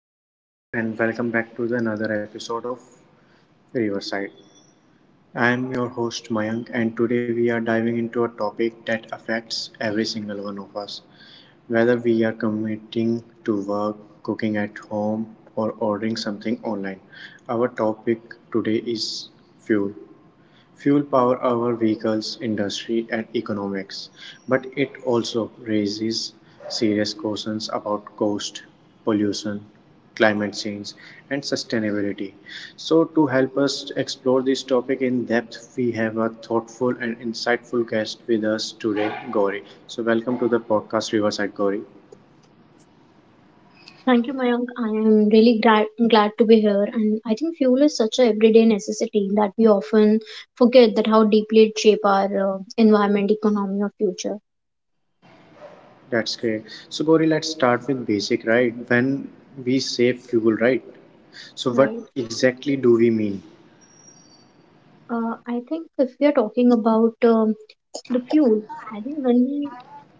Hello, everyone, and welcome back to the another episode of Riverside. I am your host Mayank, and today we are diving into a topic that affects every single one of us. Whether we are commuting to work, cooking at home, or ordering something online, our topic today is fuel. Fuel powers our vehicles, industry and economics, but it also raises serious questions about cost, pollution, climate change and sustainability. So to help us explore this topic in depth, we have a thoughtful and insightful guest with us today, Gauri. So welcome to the podcast Riverside Gauri. Thank you, Mayank. I am really glad to be here. And I think fuel is such a everyday necessity that we often forget that how deeply it shapes our environment, economy, or future. That's great. So Gauri, let's start with basic, right? When we say fuel, right? So what Right. exactly do we mean? I think if we are talking about the fuel, I think when we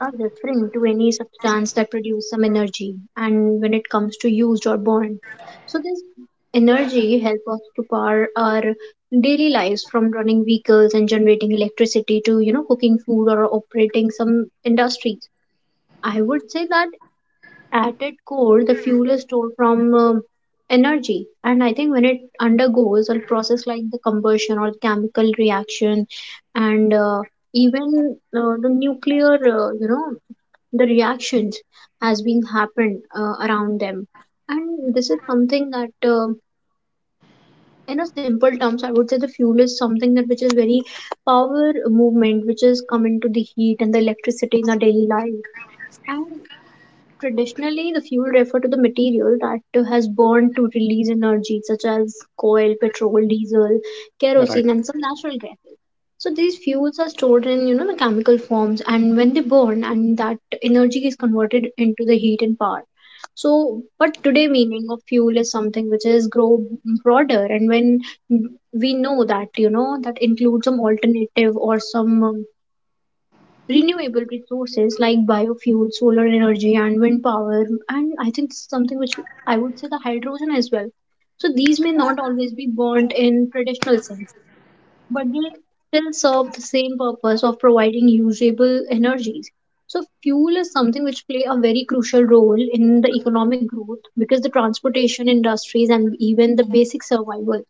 are referring to any substance that produces some energy and when it comes to used or burned. So this energy helps us to power our daily lives from running vehicles and generating electricity to, you know, cooking food or operating some industries. I would say that at its core, the fuel is stored from energy. And I think when it undergoes a process like the combustion or chemical reaction, and even the nuclear, you know, the reactions has been happened around them. And this is something that, in a simple terms, I would say the fuel is something that which is very power movement, which is coming to the heat and the electricity in our daily life. And traditionally, the fuel referred to the material that has burned to release energy, such as coal, petrol, diesel, Right. kerosene, and some natural gases. So these fuels are stored in, you know, the chemical forms, and when they burn, and that energy is converted into the heat and power. So, but today meaning of fuel is something which is grow broader, and when we know that, you know, that includes some alternative or some renewable resources like biofuel, solar energy, and wind power, and I think this is something which I would say the hydrogen as well. So these may not always be burnt in traditional sense, but they still serve the same purpose of providing usable energies. So fuel is something which play a very crucial role in the economic growth because the transportation industries and even the basic survival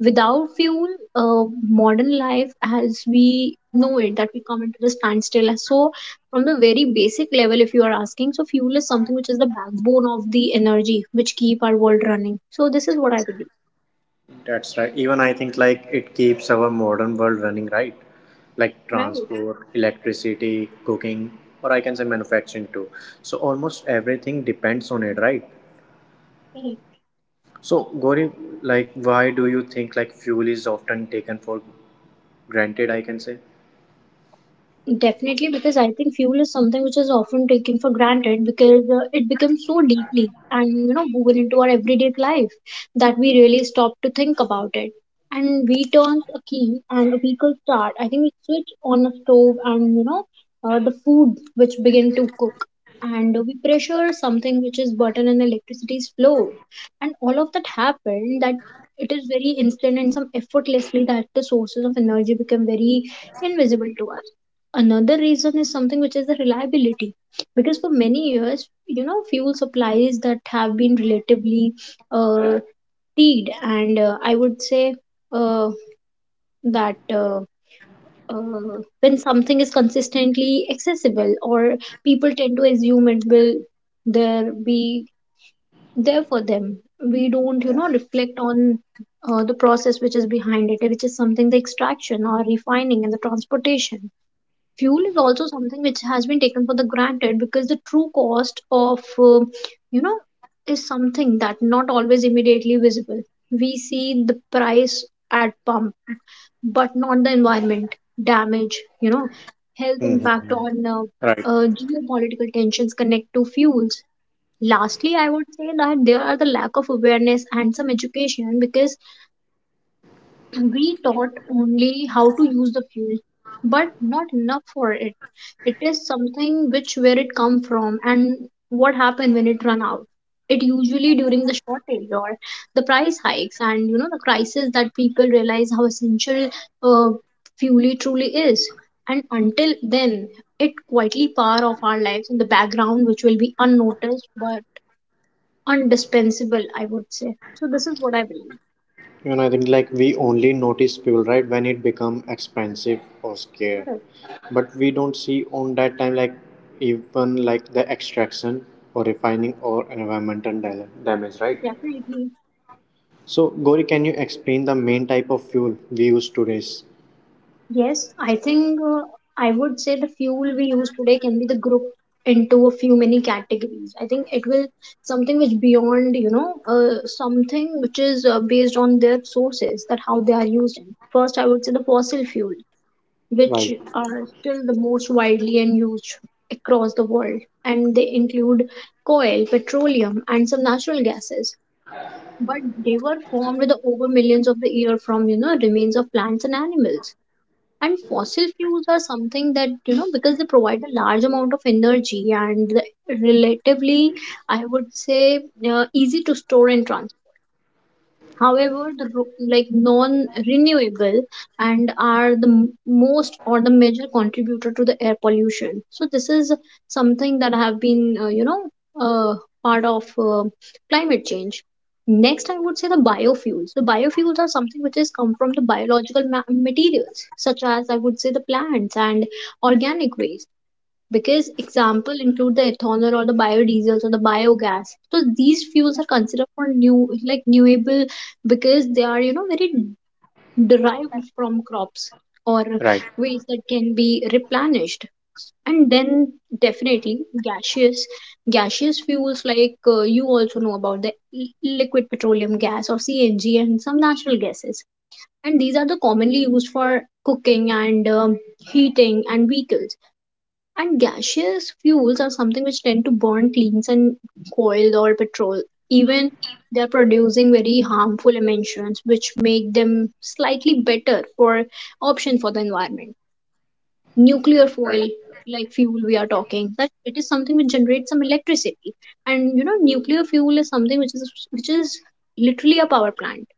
without fuel, modern life as we know it that we come into the standstill. So from the very basic level, if you are asking, so fuel is something which is the backbone of the energy which keep our world running. So this is what I believe. That's right. Even I think like it keeps our modern world running right, like Right. transport, electricity, cooking, or I can say manufacturing too. So almost everything depends on it, right? So Gauri, like why do you think like fuel is often taken for granted? I can say. Definitely, because I think fuel is something which is often taken for granted because it becomes so deeply and, you know, woven into our everyday life that we really stop to think about it. And we turn a key and a vehicle start. I think we switch on a stove and, you know, the food which begin to cook. And we pressure something which is button and electricity's flow. And all of that happened that it is very instant and some effortlessly that the sources of energy become very invisible to us. Another reason is something which is the reliability, because for many years, you know, fuel supplies that have been relatively uh, teed, and I would say uh, that when something is consistently accessible or people tend to assume it will there be there for them. We don't, you know, reflect on the process which is behind it, which is something the extraction or refining and the transportation. Fuel is also something which has been taken for the granted because the true cost of, you know, is something that not always immediately visible. We see the price at pump, but not the environment damage, you know, health impact Hmm. on, Right. Geopolitical tensions connect to fuels. Lastly, I would say that there are the lack of awareness and some education, because we taught only how to use the fuel, but not enough for it. It is something which where it come from and what happened when it run out. It usually during the shortage or the price hikes and, you know, the crisis that people realize how essential uh, fuel truly is. And until then, it quietly part of our lives in the background which will be unnoticed but undispensable, I would say. So this is what I believe. You know, I think like we only notice fuel right when it become expensive or scarce, Correct. but we don't see on that time like even like the extraction or refining or environmental damage, So right? definitely. So Gori, can you explain the main type of fuel we use today? Yes, I think I would say the fuel we use today can be the group into a few many categories. I think it will something which beyond, you know, something which is based on their sources that how they are used in. First, I would say the fossil fuel, which Right. are still the most widely and used across the world, and they include coal, petroleum, and some natural gases. But they were formed with over millions of the year from, you know, remains of plants and animals. And fossil fuels are something that, you know, because they provide a large amount of energy and relatively, I would say, easy to store and transport. However, like non-renewable and are the most or the major contributor to the air pollution. So this is something that have been, you know, uh, part of climate change. Next, I would say the biofuels. The biofuels are something which is come from the biological materials, such as, I would say, the plants and organic waste. Because example include the ethanol or the biodiesels or the biogas. So these fuels are considered for new like renewable, because they are, you know, very derived from crops or Right. ways that can be replenished. And then, definitely, gaseous fuels like, you also know about the liquid petroleum gas or CNG and some natural gases. And these are the commonly used for cooking and, heating and vehicles. And gaseous fuels are something which tend to burn cleans and coal or petrol. Even they're producing very harmful emissions, which make them slightly better for option for the environment. Nuclear Right. fuel, like fuel we are talking, that it is something which generates some electricity. And, you know, nuclear fuel is something which is literally a power plant.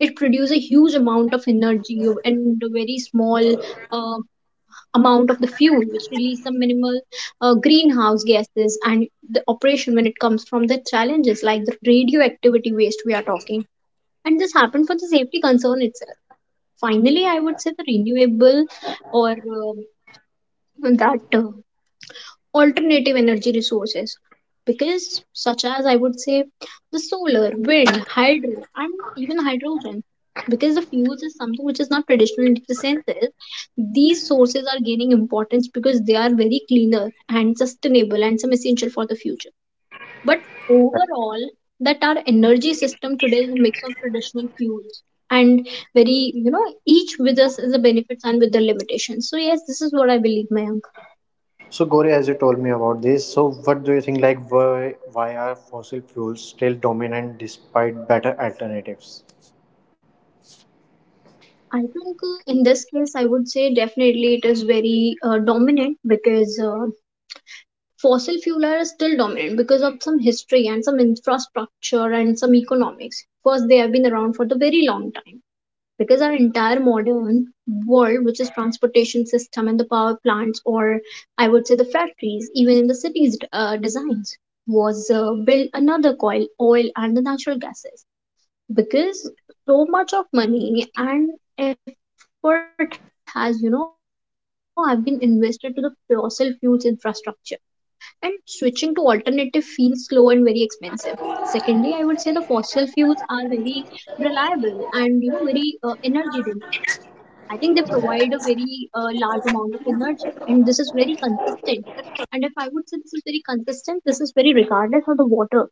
It produces a huge amount of energy and a very small um, amount of the fuel, which release some minimal greenhouse gases, and the operation when it comes from the challenges like the radioactivity waste we are talking. And this happened for the safety concern itself. Finally, I would say the renewable or, that alternative energy resources, because such as, I would say, the solar, wind, hydro, and even hydrogen. Because the fuels is something which is not traditional in the sense is these sources are gaining importance because they are very cleaner and sustainable and some essential for the future. But Right. overall, that our energy system today is a mix of traditional fuels and very, you know, each with us is the benefits and with the limitations. So yes, this is what I believe, ma'am. So Gori, as you told me about this, so what do you think like why are fossil fuels still dominant despite better alternatives? I think in this case, I would say definitely it is very dominant because fossil fuel are still dominant because of some history and some infrastructure and some economics. First, they have been around for the very long time, because our entire modern world, which is transportation system and the power plants, or I would say the factories, even in the cities' designs, was built another coil, oil, and the natural gases. Because so much of money and effort has, you know, have been invested to the fossil fuels infrastructure, and switching to alternative feels slow and very expensive. Secondly, I would say the fossil fuels are very reliable and, you know, very energy dense. I think they provide a very large amount of energy and this is very consistent. And if I would say this is very consistent, this is very regardless of the water.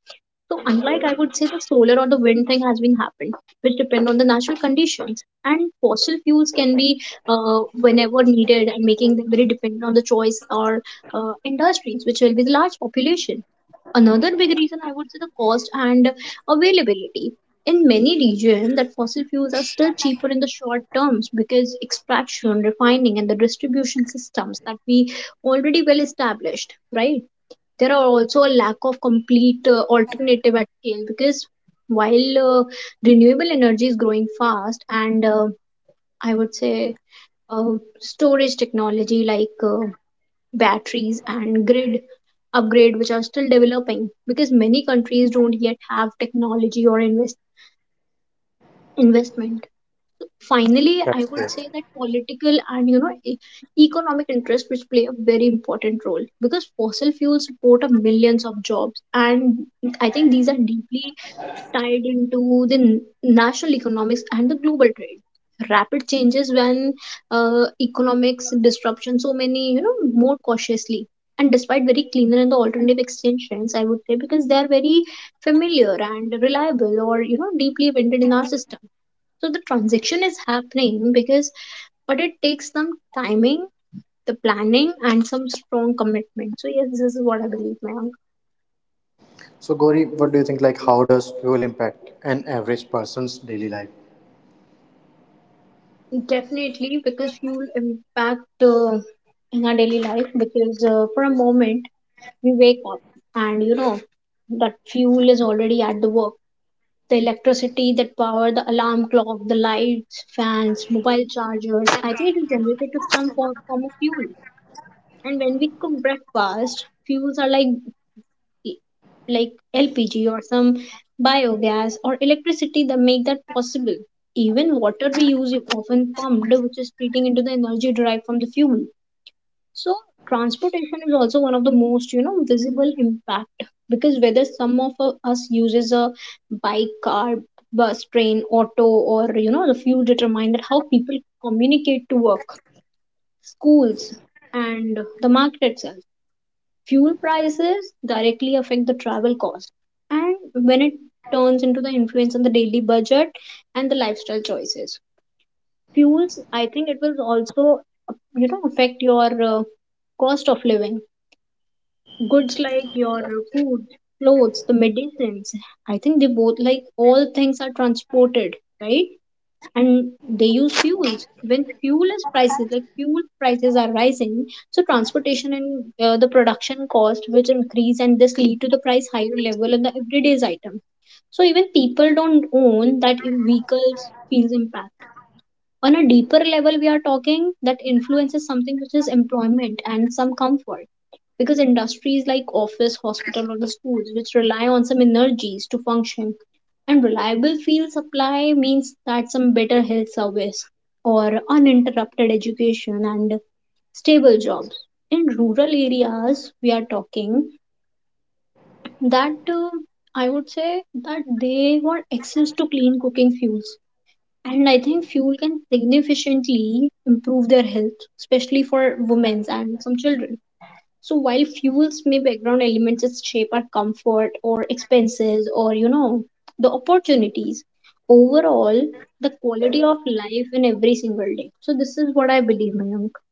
So unlike, I would say, the solar or the wind thing has been happened, which depend on the natural conditions. And fossil fuels can be whenever needed and making them very dependent on the choice or industries, which will be the large population. Another big reason, I would say, the cost and availability. In many regions, that fossil fuels are still cheaper in the short terms, because extraction, refining, and the distribution systems that we already well established, right? There are also a lack of complete alternative at scale because while renewable energy is growing fast and I would say uh, storage technology like batteries and grid upgrade which are still developing because many countries don't yet have technology or investment. Finally, I That's would great. say that political and economic interests which play a very important role because fossil fuels support a millions of jobs, and I think these are deeply tied into the national economics and the global trade. Rapid changes when economics disruption, so many more cautiously and despite very cleaner and the alternative extensions, I would say, because they are very familiar and reliable or you know deeply embedded in our system. So the transaction is happening because but it takes some timing, the planning and some strong commitment. So yes, this is what I believe, Mayank. So, Gauri, what do you think? Like, how does fuel impact an average person's daily life? Definitely, because fuel impact in our daily life because for a moment we wake up and you know that fuel is already at the work. The electricity that power the alarm clock, the lights, fans, mobile chargers, I think it is generated to some form of fuel. And when we cook breakfast, fuels are like e- like LPG or some biogas or electricity that make that possible. Even water we use is often pumped, which is treating into the energy derived from the fuel. So transportation is also one of the most you know visible impact because whether some of us uses a bike, car, bus, train, auto, or you know the fuel determine that how people communicate to work, schools, and the market itself. Fuel prices directly affect the travel cost, and when it turns into the influence on the daily budget and the lifestyle choices, fuels, I think, it will also uh, you know affect your cost of living, goods like your food, clothes, the medicines. I think they both like all things are transported, right, and they use fuels when fuel is prices like fuel prices are rising. So transportation and the production cost which increase, and this lead to the price higher level on the everyday's item. So even people don't own that vehicles feels impact. On a deeper level we are talking that influence is something which is employment and some comfort, because industries like office, hospital or the schools which rely on some energies to function, and reliable field supply means that some better health service or uninterrupted education and stable jobs. In rural areas we are talking that I would say that they want access to clean cooking fuels, and I think fuel can significantly improve their health, especially for women and some children. So while fuels may background elements that shape our comfort or expenses or you know the opportunities, overall the quality of life in every single day. So this is what I believe, Mayank.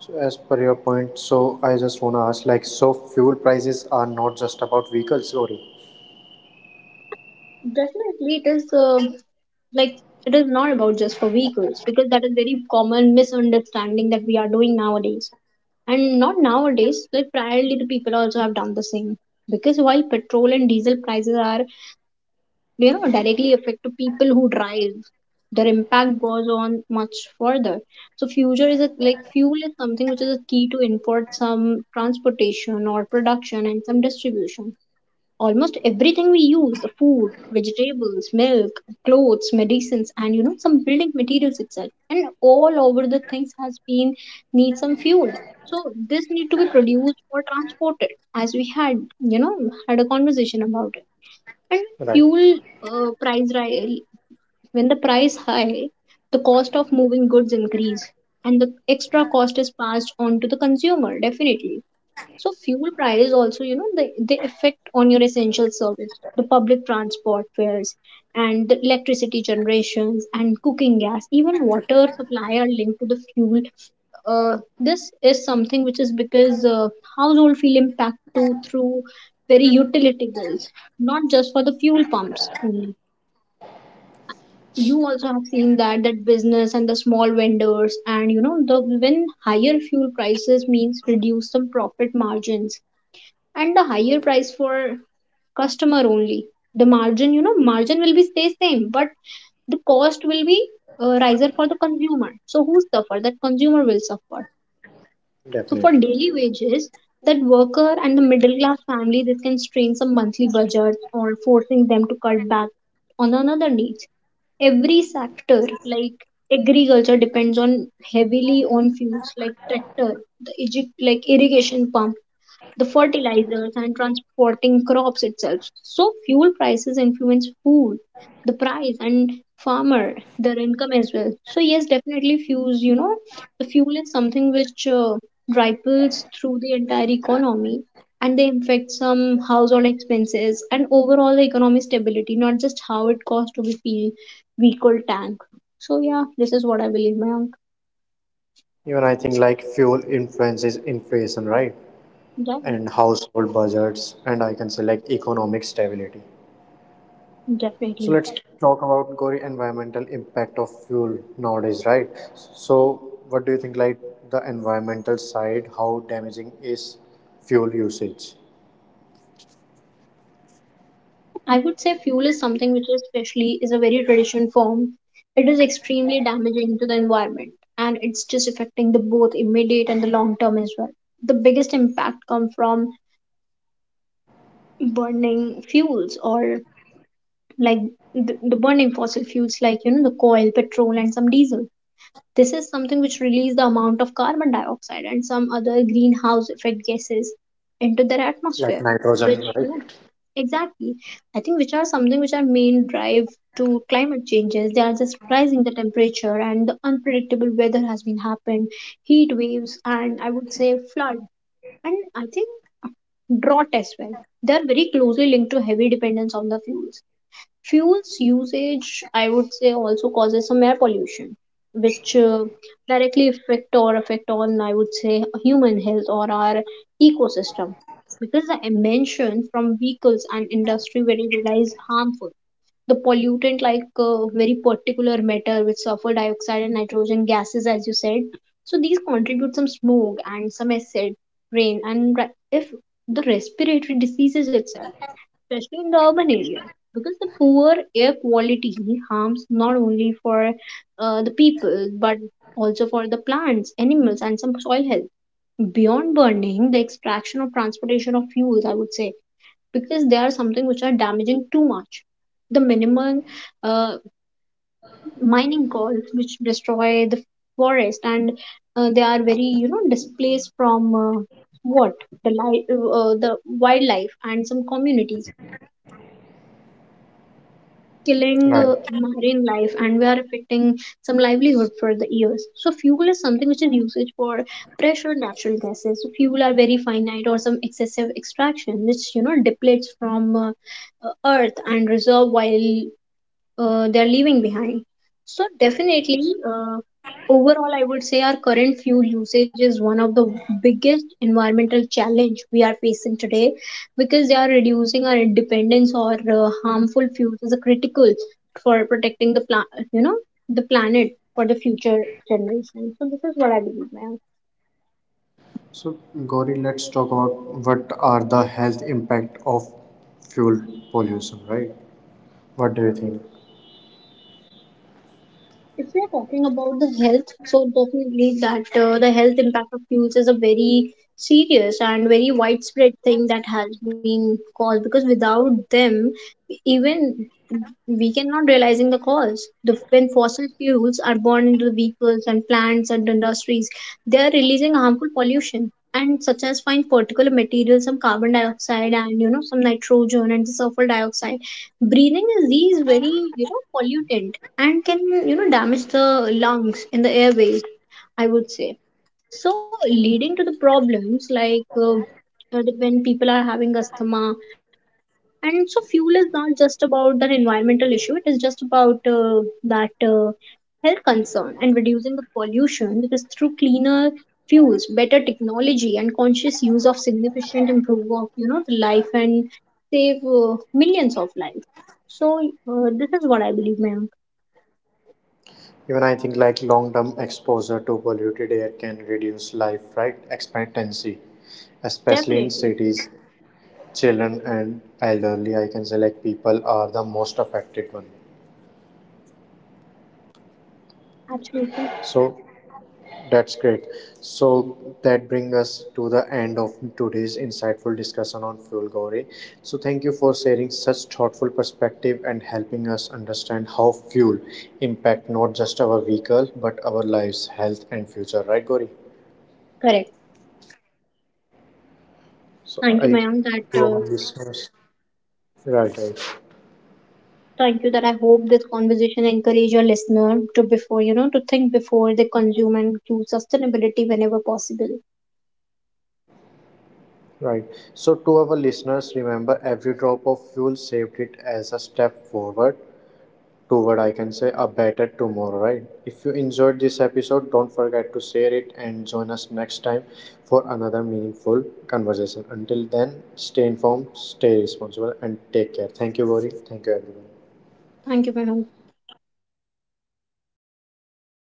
So, as per your point, so I just want to ask, like, so fuel prices are not just about vehicles, Gauri, Definitely it is like it is not about just for vehicles, because that is very common misunderstanding that we are doing nowadays. And not nowadays, like priorly the people also have done the same. Because while petrol and diesel prices are, you know, directly affect to people who drive, their impact goes on much further. So future is a, like fuel is something which is a key to import some transportation or production and some distribution. Almost everything we use, the food, vegetables, milk, clothes, medicines, and you know some building materials itself, and all over the things has been need some fuel. So this need to be produced or transported, as we had you know had a conversation about it, and right? fuel uh, price ri- when the price high, the cost of moving goods increase, and the extra cost is passed on to the consumer, definitely. So fuel prices also, you know, they affect on your essential service, the public transport fares and the electricity generations and cooking gas, even water supply are linked to the fuel. This is something which is because household feel impact too through very utility bills, not just for the fuel pumps only. You also have seen that business and the small vendors and you know the when higher fuel prices means reduce some profit margins and the higher price for customer only. The margin, you know, margin will be stay same, but the cost will be riser for the consumer, so who suffer, that consumer will suffer. So for Definitely. daily wages, that worker and the middle class family, this can strain some monthly budgets or forcing them to cut back on another needs. Every sector, like agriculture, depends on heavily on fuels like tractor, like irrigation pump, the fertilizers and transporting crops itself. So fuel prices influence food, the price, and farmer, their income as well. So yes, definitely fuels, you know, the fuel is something which ripples through the entire economy, and they affect some household expenses and overall the economic stability, not just how it costs to be fuel vehicle tank. So yeah, this is what I believe, my uncle. Even I think like fuel influences inflation, right? Yeah, And household budgets, and I can say like economic stability. So definitely. let's talk about Gauri environmental impact of fuel nowadays, right? So what do you think like the environmental side, how damaging is fuel usage? I would say fuel is something which is especially is a very traditional form. It is extremely damaging to the environment, and it's just affecting the both immediate and the long term as well. The biggest impact come from burning fuels or like the burning fossil fuels like you know the coal, petrol and some diesel. This is something which release the amount of carbon dioxide and some other greenhouse effect gases into their Like atmosphere, which nitrogen, right? you know exactly. I think which are something which are main drive to climate changes. They are just rising the temperature, and the unpredictable weather has been happened, heat waves and I would say flood, and I think drought as well. They are very closely linked to heavy dependence on the fuels. Fuels usage, I would say, also causes some air pollution, which directly affect or affect on, I would say, human health or our ecosystem. Because the emissions from vehicles and industry very is harmful. The pollutant like very particular matter with sulfur dioxide and nitrogen gases, as you said. So these contribute some smoke and some acid rain and if the respiratory diseases itself, especially in the urban areas, because the poor air quality harms not only for the people but also for the plants, animals, and some soil health. Beyond burning, the extraction of transportation of fuels, I would say, because they are something which are damaging too much. The minimum uh, mining costs which destroy the forest, and they are very you know displaced from what the wildlife and some communities, killing Right. marine life, and we are affecting some livelihood for the years. So fuel is something which is usage for pressure natural gases. So fuel are very finite or some excessive extraction which you know depletes from earth and reserve while they're leaving behind. So definitely, overall, I would say our current fuel usage is one of the biggest environmental challenge we are facing today, because they are reducing our dependence or harmful fuels is a critical for protecting the planet, you know, the planet for the future generation. So this is what I believe, ma'am. So Gauri, let's talk about what are the health impact of fuel pollution, right? What do you think? If we are talking about the health, so definitely that the health impact of fuels is a very serious and very widespread thing that has been caused, because without them, even we cannot realizing the cause. When fossil fuels are burned into the vehicles and plants and industries, they are releasing harmful pollution and such as fine particular materials, some carbon dioxide and you know some nitrogen and the sulfur dioxide. Breathing is these very you know pollutant, and can you know damage the lungs and the airways, I would say, so leading to the problems like when people are having asthma. And so fuel is not just about that environmental issue, it is just about that health concern, and reducing the pollution because through cleaner fuels, better technology and conscious use of significant improve of you know the life, and save millions of lives. So this is what I believe, ma'am. Even I think like long-term exposure to polluted air can reduce life, right? Expectancy, especially in Definitely, cities, children and elderly, I can say like people are the most affected one. absolutely So that's great. So that brings us to the end of today's insightful discussion on fuel, Gauri. So thank you for sharing such thoughtful perspective and helping us understand how fuel impact not just our vehicle but our lives, health and future, right, Gauri? correct. So Thank you, I, Mayank. to That our listeners, right, right. thank you. That I hope this conversation encourage your listener to before you know to think before they consume and choose sustainability whenever possible. Right. So, to our listeners, remember every drop of fuel saved it as a step forward toward, I can say, a better tomorrow, right? If you enjoyed this episode, don't forget to share it and join us next time for another meaningful conversation. Until then, stay informed, stay responsible, and take care. Thank you, Gauri. Thank you, everyone. Thank you, Mayank.